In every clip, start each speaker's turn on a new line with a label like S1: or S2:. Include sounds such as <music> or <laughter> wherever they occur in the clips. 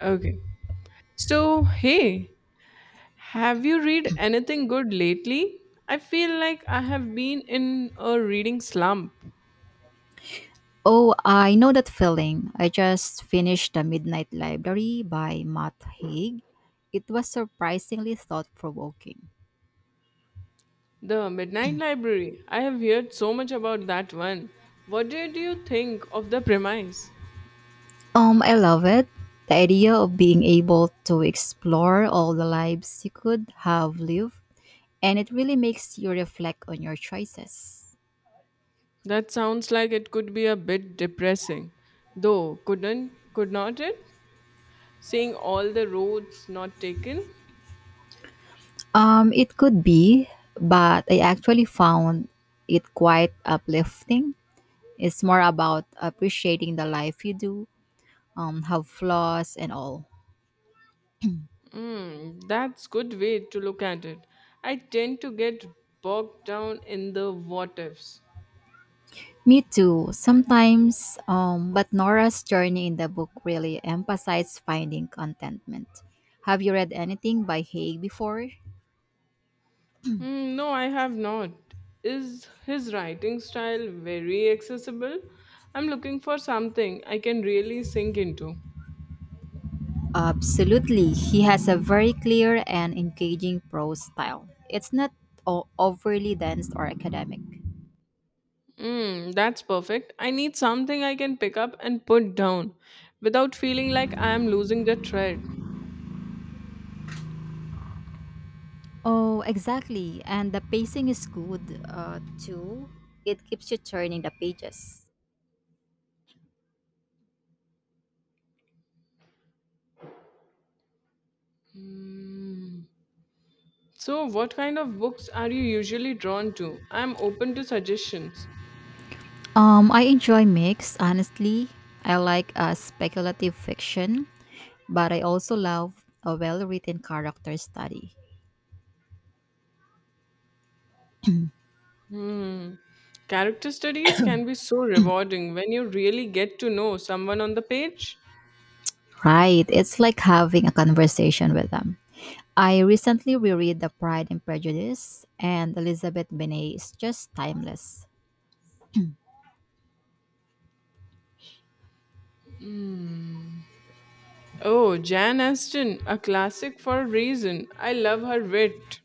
S1: Okay. So, hey, have you read anything good lately? I feel like I have been in a reading slump.
S2: Oh, I know that feeling. I just finished The Midnight Library by Matt Haig. It was surprisingly thought provoking.
S1: The Midnight Library. I have heard so much about that one. What did you think of the premise?
S2: I love it. The idea of being able to explore all the lives you could have lived, and it really makes you reflect on your choices.
S1: That sounds like it could be a bit depressing. Though, could not it? Seeing all the roads not taken?
S2: It could be, but I actually found it quite uplifting. It's more about appreciating the life you do, have flaws and all.
S1: That's good way to look at it. I tend to get bogged down in the what ifs.
S2: Me too. Sometimes, but Nora's journey in the book really emphasized finding contentment. Have you read anything by Haig before?
S1: No, I have not. Is his writing style very accessible? I'm looking for something I can really sink into.
S2: Absolutely. He has a very clear and engaging prose style. It's not overly dense or academic.
S1: That's perfect. I need something I can pick up and put down without feeling like I am losing the thread.
S2: Oh, exactly. And the pacing is good too. It keeps you turning the pages.
S1: So, what kind of books are you usually drawn to? I'm open to suggestions.
S2: I enjoy mix, honestly. I like speculative fiction, but I also love a well written character study.
S1: Hmm. Character studies can be so rewarding when you really get to know someone on the page.
S2: Right, it's like having a conversation with them. I recently reread The Pride and Prejudice, and Elizabeth Bennet is just timeless.
S1: Oh, Jan Aston, a classic for a reason. I love her wit.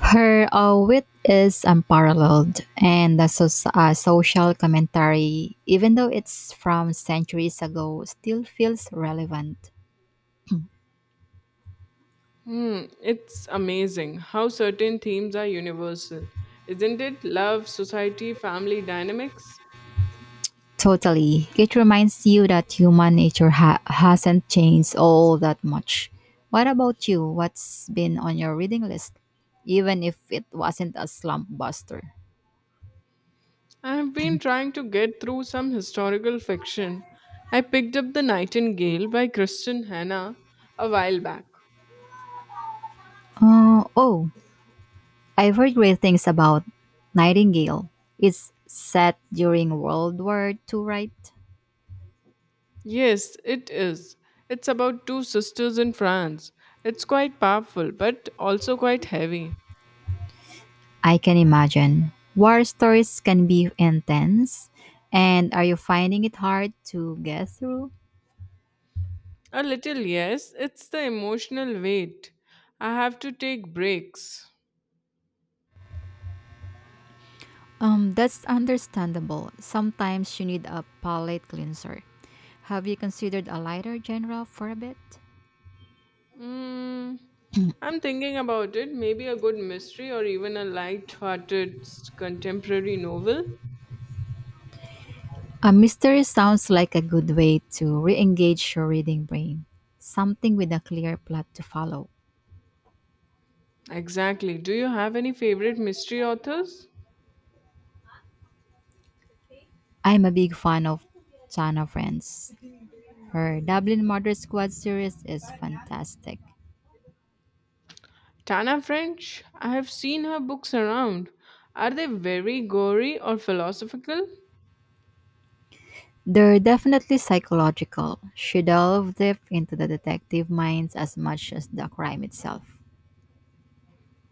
S2: Her wit is unparalleled, and the social commentary, even though it's from centuries ago, still feels relevant.
S1: It's amazing how certain themes are universal. Isn't it? Love, society, family dynamics.
S2: Totally. It reminds you that human nature hasn't changed all that much. What about you? What's been on your reading list? Even if it wasn't a slump buster.
S1: I have been trying to get through some historical fiction. I picked up The Nightingale by Kristen Hannah a while back.
S2: Oh, I've heard great things about Nightingale. It's set during World War II, right?
S1: Yes, it is. It's about two sisters in France. It's quite powerful, but also quite heavy.
S2: I can imagine. War stories can be intense. And are you finding it hard to get through?
S1: A little, yes. It's the emotional weight. I have to take breaks.
S2: That's understandable. Sometimes you need a palate cleanser. Have you considered a lighter genre for a bit?
S1: Mm, I'm thinking about it. Maybe a good mystery or even a light-hearted contemporary novel.
S2: A mystery sounds like a good way to re engage your reading brain. Something with a clear plot to follow.
S1: Exactly. Do you have any favorite mystery authors?
S2: I'm a big fan of Chana Friends. Her Dublin Murder Squad series is fantastic.
S1: Tana French. I have seen her books around. Are they very gory or philosophical?
S2: They're definitely psychological. She delves deep into the detective minds as much as the crime itself.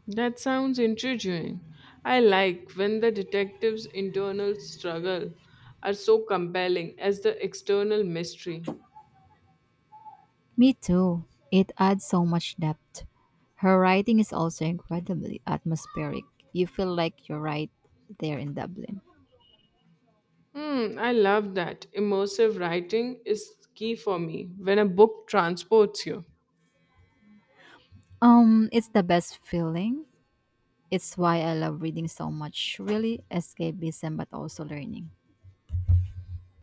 S1: That sounds intriguing. I like when the detective's internal struggle are so compelling as the external mystery.
S2: Me too. It adds so much depth. Her writing is also incredibly atmospheric. You feel like you're right there in Dublin.
S1: I love that. Immersive writing is key for me when a book transports you.
S2: It's the best feeling. It's why I love reading so much. Really escapism but also learning.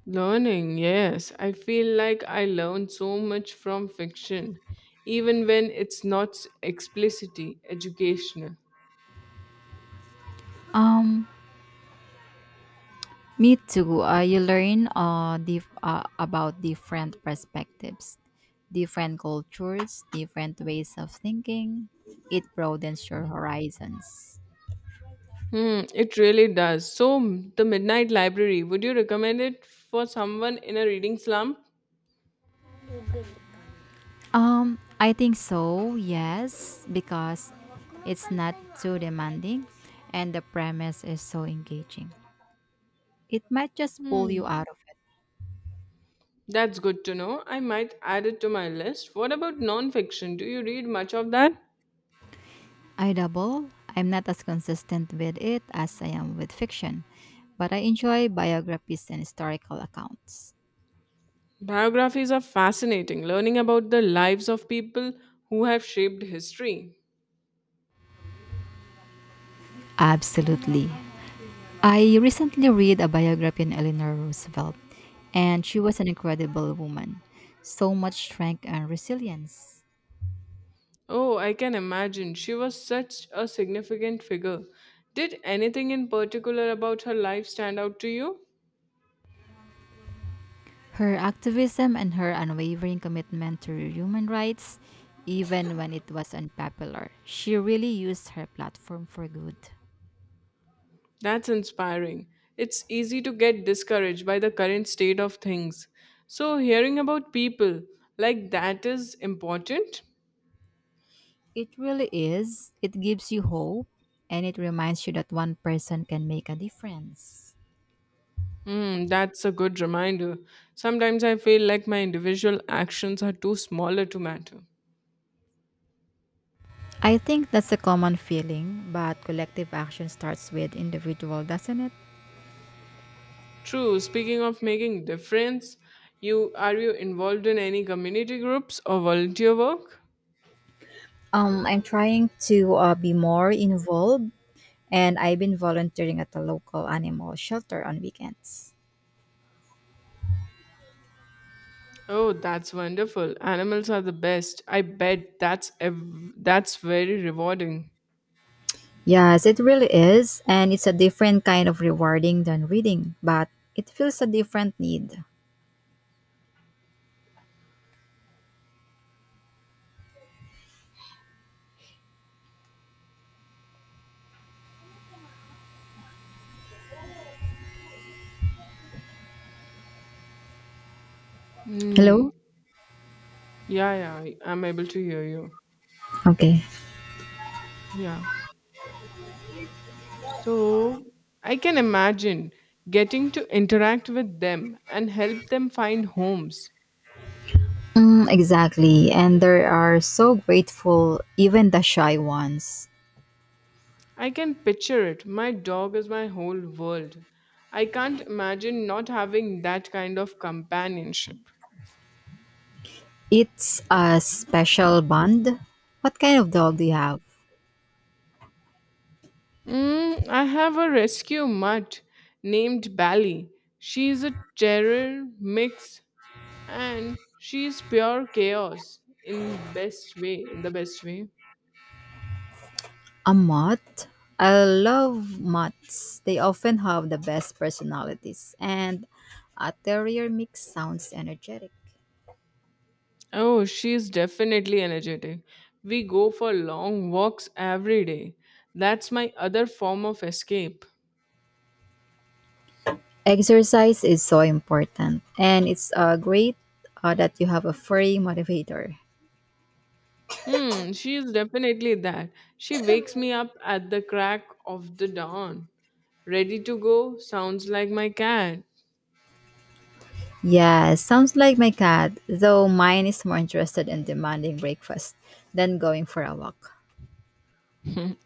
S1: Learning, yes. I feel like I learn so much from fiction, even when it's not explicitly educational.
S2: Um, Me too. You learn about different perspectives, different cultures, different ways of thinking. It broadens your horizons.
S1: It really does. So, the Midnight Library, would you recommend it for someone in a reading slump?
S2: I think so, yes, because it's not too demanding and the premise is so engaging. It might just pull you out of it.
S1: That's good to know. I might add it to my list. What about nonfiction? Do you read much of that?
S2: I double. I'm not as consistent with it as I am with fiction, but I enjoy biographies and historical accounts.
S1: Biographies are fascinating, learning about the lives of people who have shaped history.
S2: Absolutely. I recently read a biography on Eleanor Roosevelt, and she was an incredible woman. So much strength and resilience.
S1: Oh, I can imagine. She was such a significant figure. Did anything in particular about her life stand out to you?
S2: Her activism and her unwavering commitment to human rights, even when it was unpopular, she really used her platform for good.
S1: That's inspiring. It's easy to get discouraged by the current state of things. So, hearing about people like that is important.
S2: It really is. It gives you hope and it reminds you that one person can make a difference.
S1: That's a good reminder. Sometimes I feel like my individual actions are too smaller to matter.
S2: I think that's a common feeling, but collective action starts with individual, doesn't it?
S1: True. Speaking of making difference, you are you involved in any community groups or volunteer work?
S2: I'm trying to be more involved, and I've been volunteering at a local animal shelter on weekends.
S1: Oh, that's wonderful. Animals are the best. I bet that's very rewarding.
S2: Yes, it really is. And it's a different kind of rewarding than reading, but it feels a different need.
S1: Hmm.
S2: Hello?
S1: Yeah, yeah, I'm able to hear you.
S2: Okay.
S1: Yeah. So I can imagine getting to interact with them and help them find homes.
S2: Mm, exactly. And they are so grateful, even the shy ones.
S1: I can picture it. My dog is my whole world. I can't imagine not having that kind of companionship.
S2: It's a special bond. What kind of dog do you have?
S1: I have a rescue mutt named Bally. She's a terror mix and she's pure chaos in the best way.
S2: A mutt? I love mutts. They often have the best personalities, and a terrier mix sounds energetic.
S1: Oh, she's definitely energetic. We go for long walks every day. That's my other form of escape.
S2: Exercise is so important, and it's great that you have a furry motivator.
S1: She is definitely that. She wakes me up at the crack of the dawn. Ready to go? Sounds like my cat.
S2: Yeah, sounds like my cat, though mine is more interested in demanding breakfast than going for a walk.
S1: <laughs>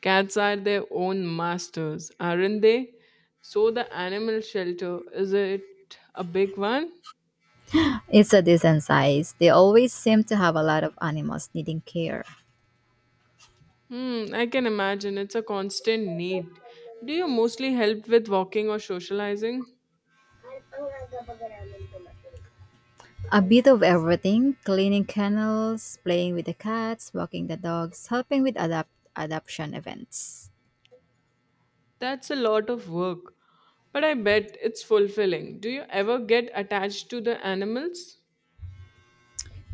S1: Cats are their own masters, aren't they? So the animal shelter, is it a big one?
S2: It's a decent size. They always seem to have a lot of animals needing care.
S1: I can imagine. It's a constant need. Do you mostly help with walking or socializing?
S2: A bit of everything cleaning kennels, playing with the cats, walking the dogs, helping with adoption events.
S1: That's a lot of work. But I bet it's fulfilling. Do you ever get attached to the animals?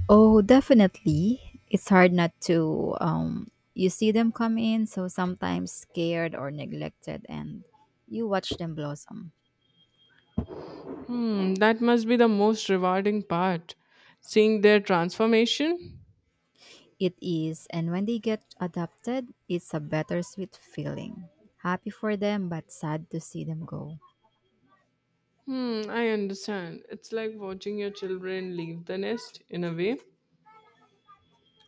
S2: Oh, definitely. It's hard not to. You see them come in, so sometimes scared or neglected, and you watch them blossom.
S1: That must be the most rewarding part. Seeing their transformation?
S2: It is, and when they get adopted, it's a bittersweet feeling. Happy for them, but sad to see them go.
S1: I understand. It's like watching your children leave the nest in a way.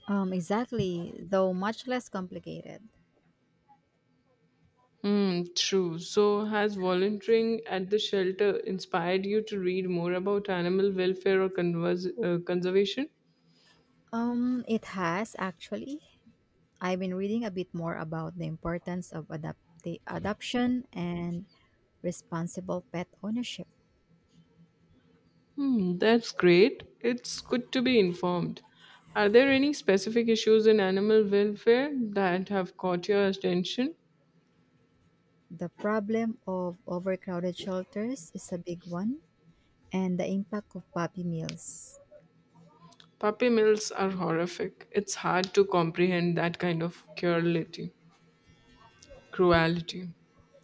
S2: Exactly, though much less complicated.
S1: True. So, has volunteering at the shelter inspired you to read more about animal welfare or convers conservation?
S2: It has actually. I've been reading a bit more about the importance of adoption and responsible pet ownership.
S1: That's great. It's good to be informed. Are there any specific issues in animal welfare that have caught your attention?
S2: The problem of overcrowded shelters is a big one, and the impact of puppy mills.
S1: Puppy mills are horrific. It's hard to comprehend that kind of cruelty. Cruelty.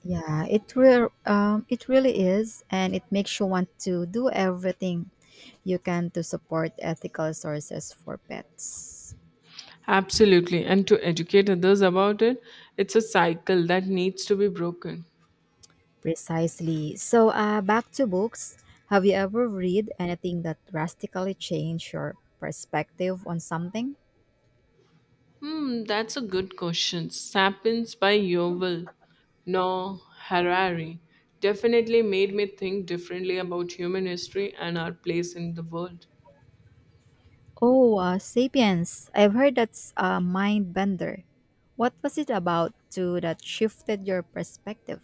S2: Yeah, it really is, and it makes you want to do everything you can to support ethical sources for pets.
S1: Absolutely. And to educate others about it, it's a cycle that needs to be broken.
S2: Precisely. So, back to books. Have you ever read anything that drastically changed your perspective on something?
S1: That's a good question. Sapiens by Yuval Noah Harari definitely made me think differently about human history and our place in the world.
S2: Oh, Sapiens. I've heard that's a mind bender. What was it about too that shifted your perspective?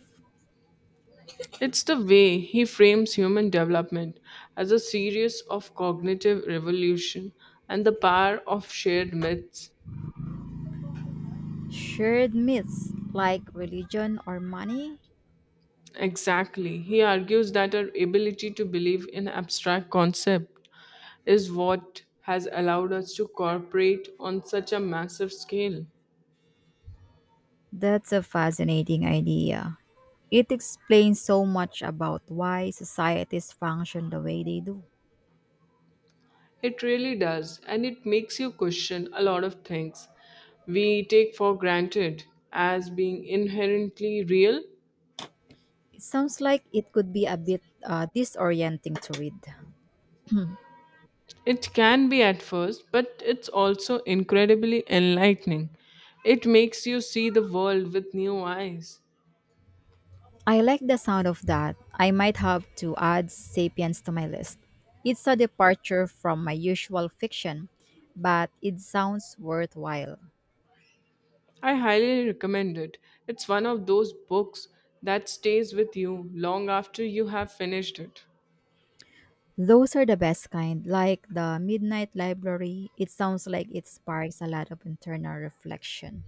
S1: It's the way he frames human development as a series of cognitive revolution and the power of shared myths.
S2: Shared myths like religion or money?
S1: Exactly. He argues that our ability to believe in abstract concept is what has allowed us to cooperate on such a massive scale.
S2: That's a fascinating idea. It explains so much about why societies function the way they do.
S1: It really does, and it makes you question a lot of things we take for granted as being inherently real.
S2: It sounds like it could be a bit disorienting to read.
S1: It can be at first, but it's also incredibly enlightening. It makes you see the world with new eyes.
S2: I like the sound of that. I might have to add Sapiens to my list. It's a departure from my usual fiction, but it sounds worthwhile.
S1: I highly recommend it. It's one of those books that stays with you long after you have finished it.
S2: Those are the best kind, like the Midnight Library. It sounds like it sparks a lot of internal reflection.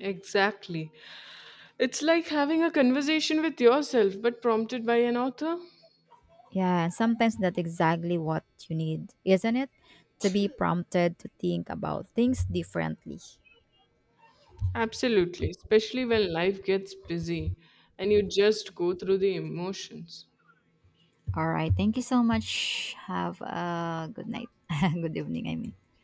S1: Exactly. It's like having a conversation with yourself, but prompted by an author.
S2: Yeah, and sometimes that's exactly what you need, isn't it? To be prompted to think about things differently.
S1: Absolutely, especially when life gets busy and you just go through the emotions.
S2: All right, thank you so much. Have a good night. <laughs> good evening, I mean.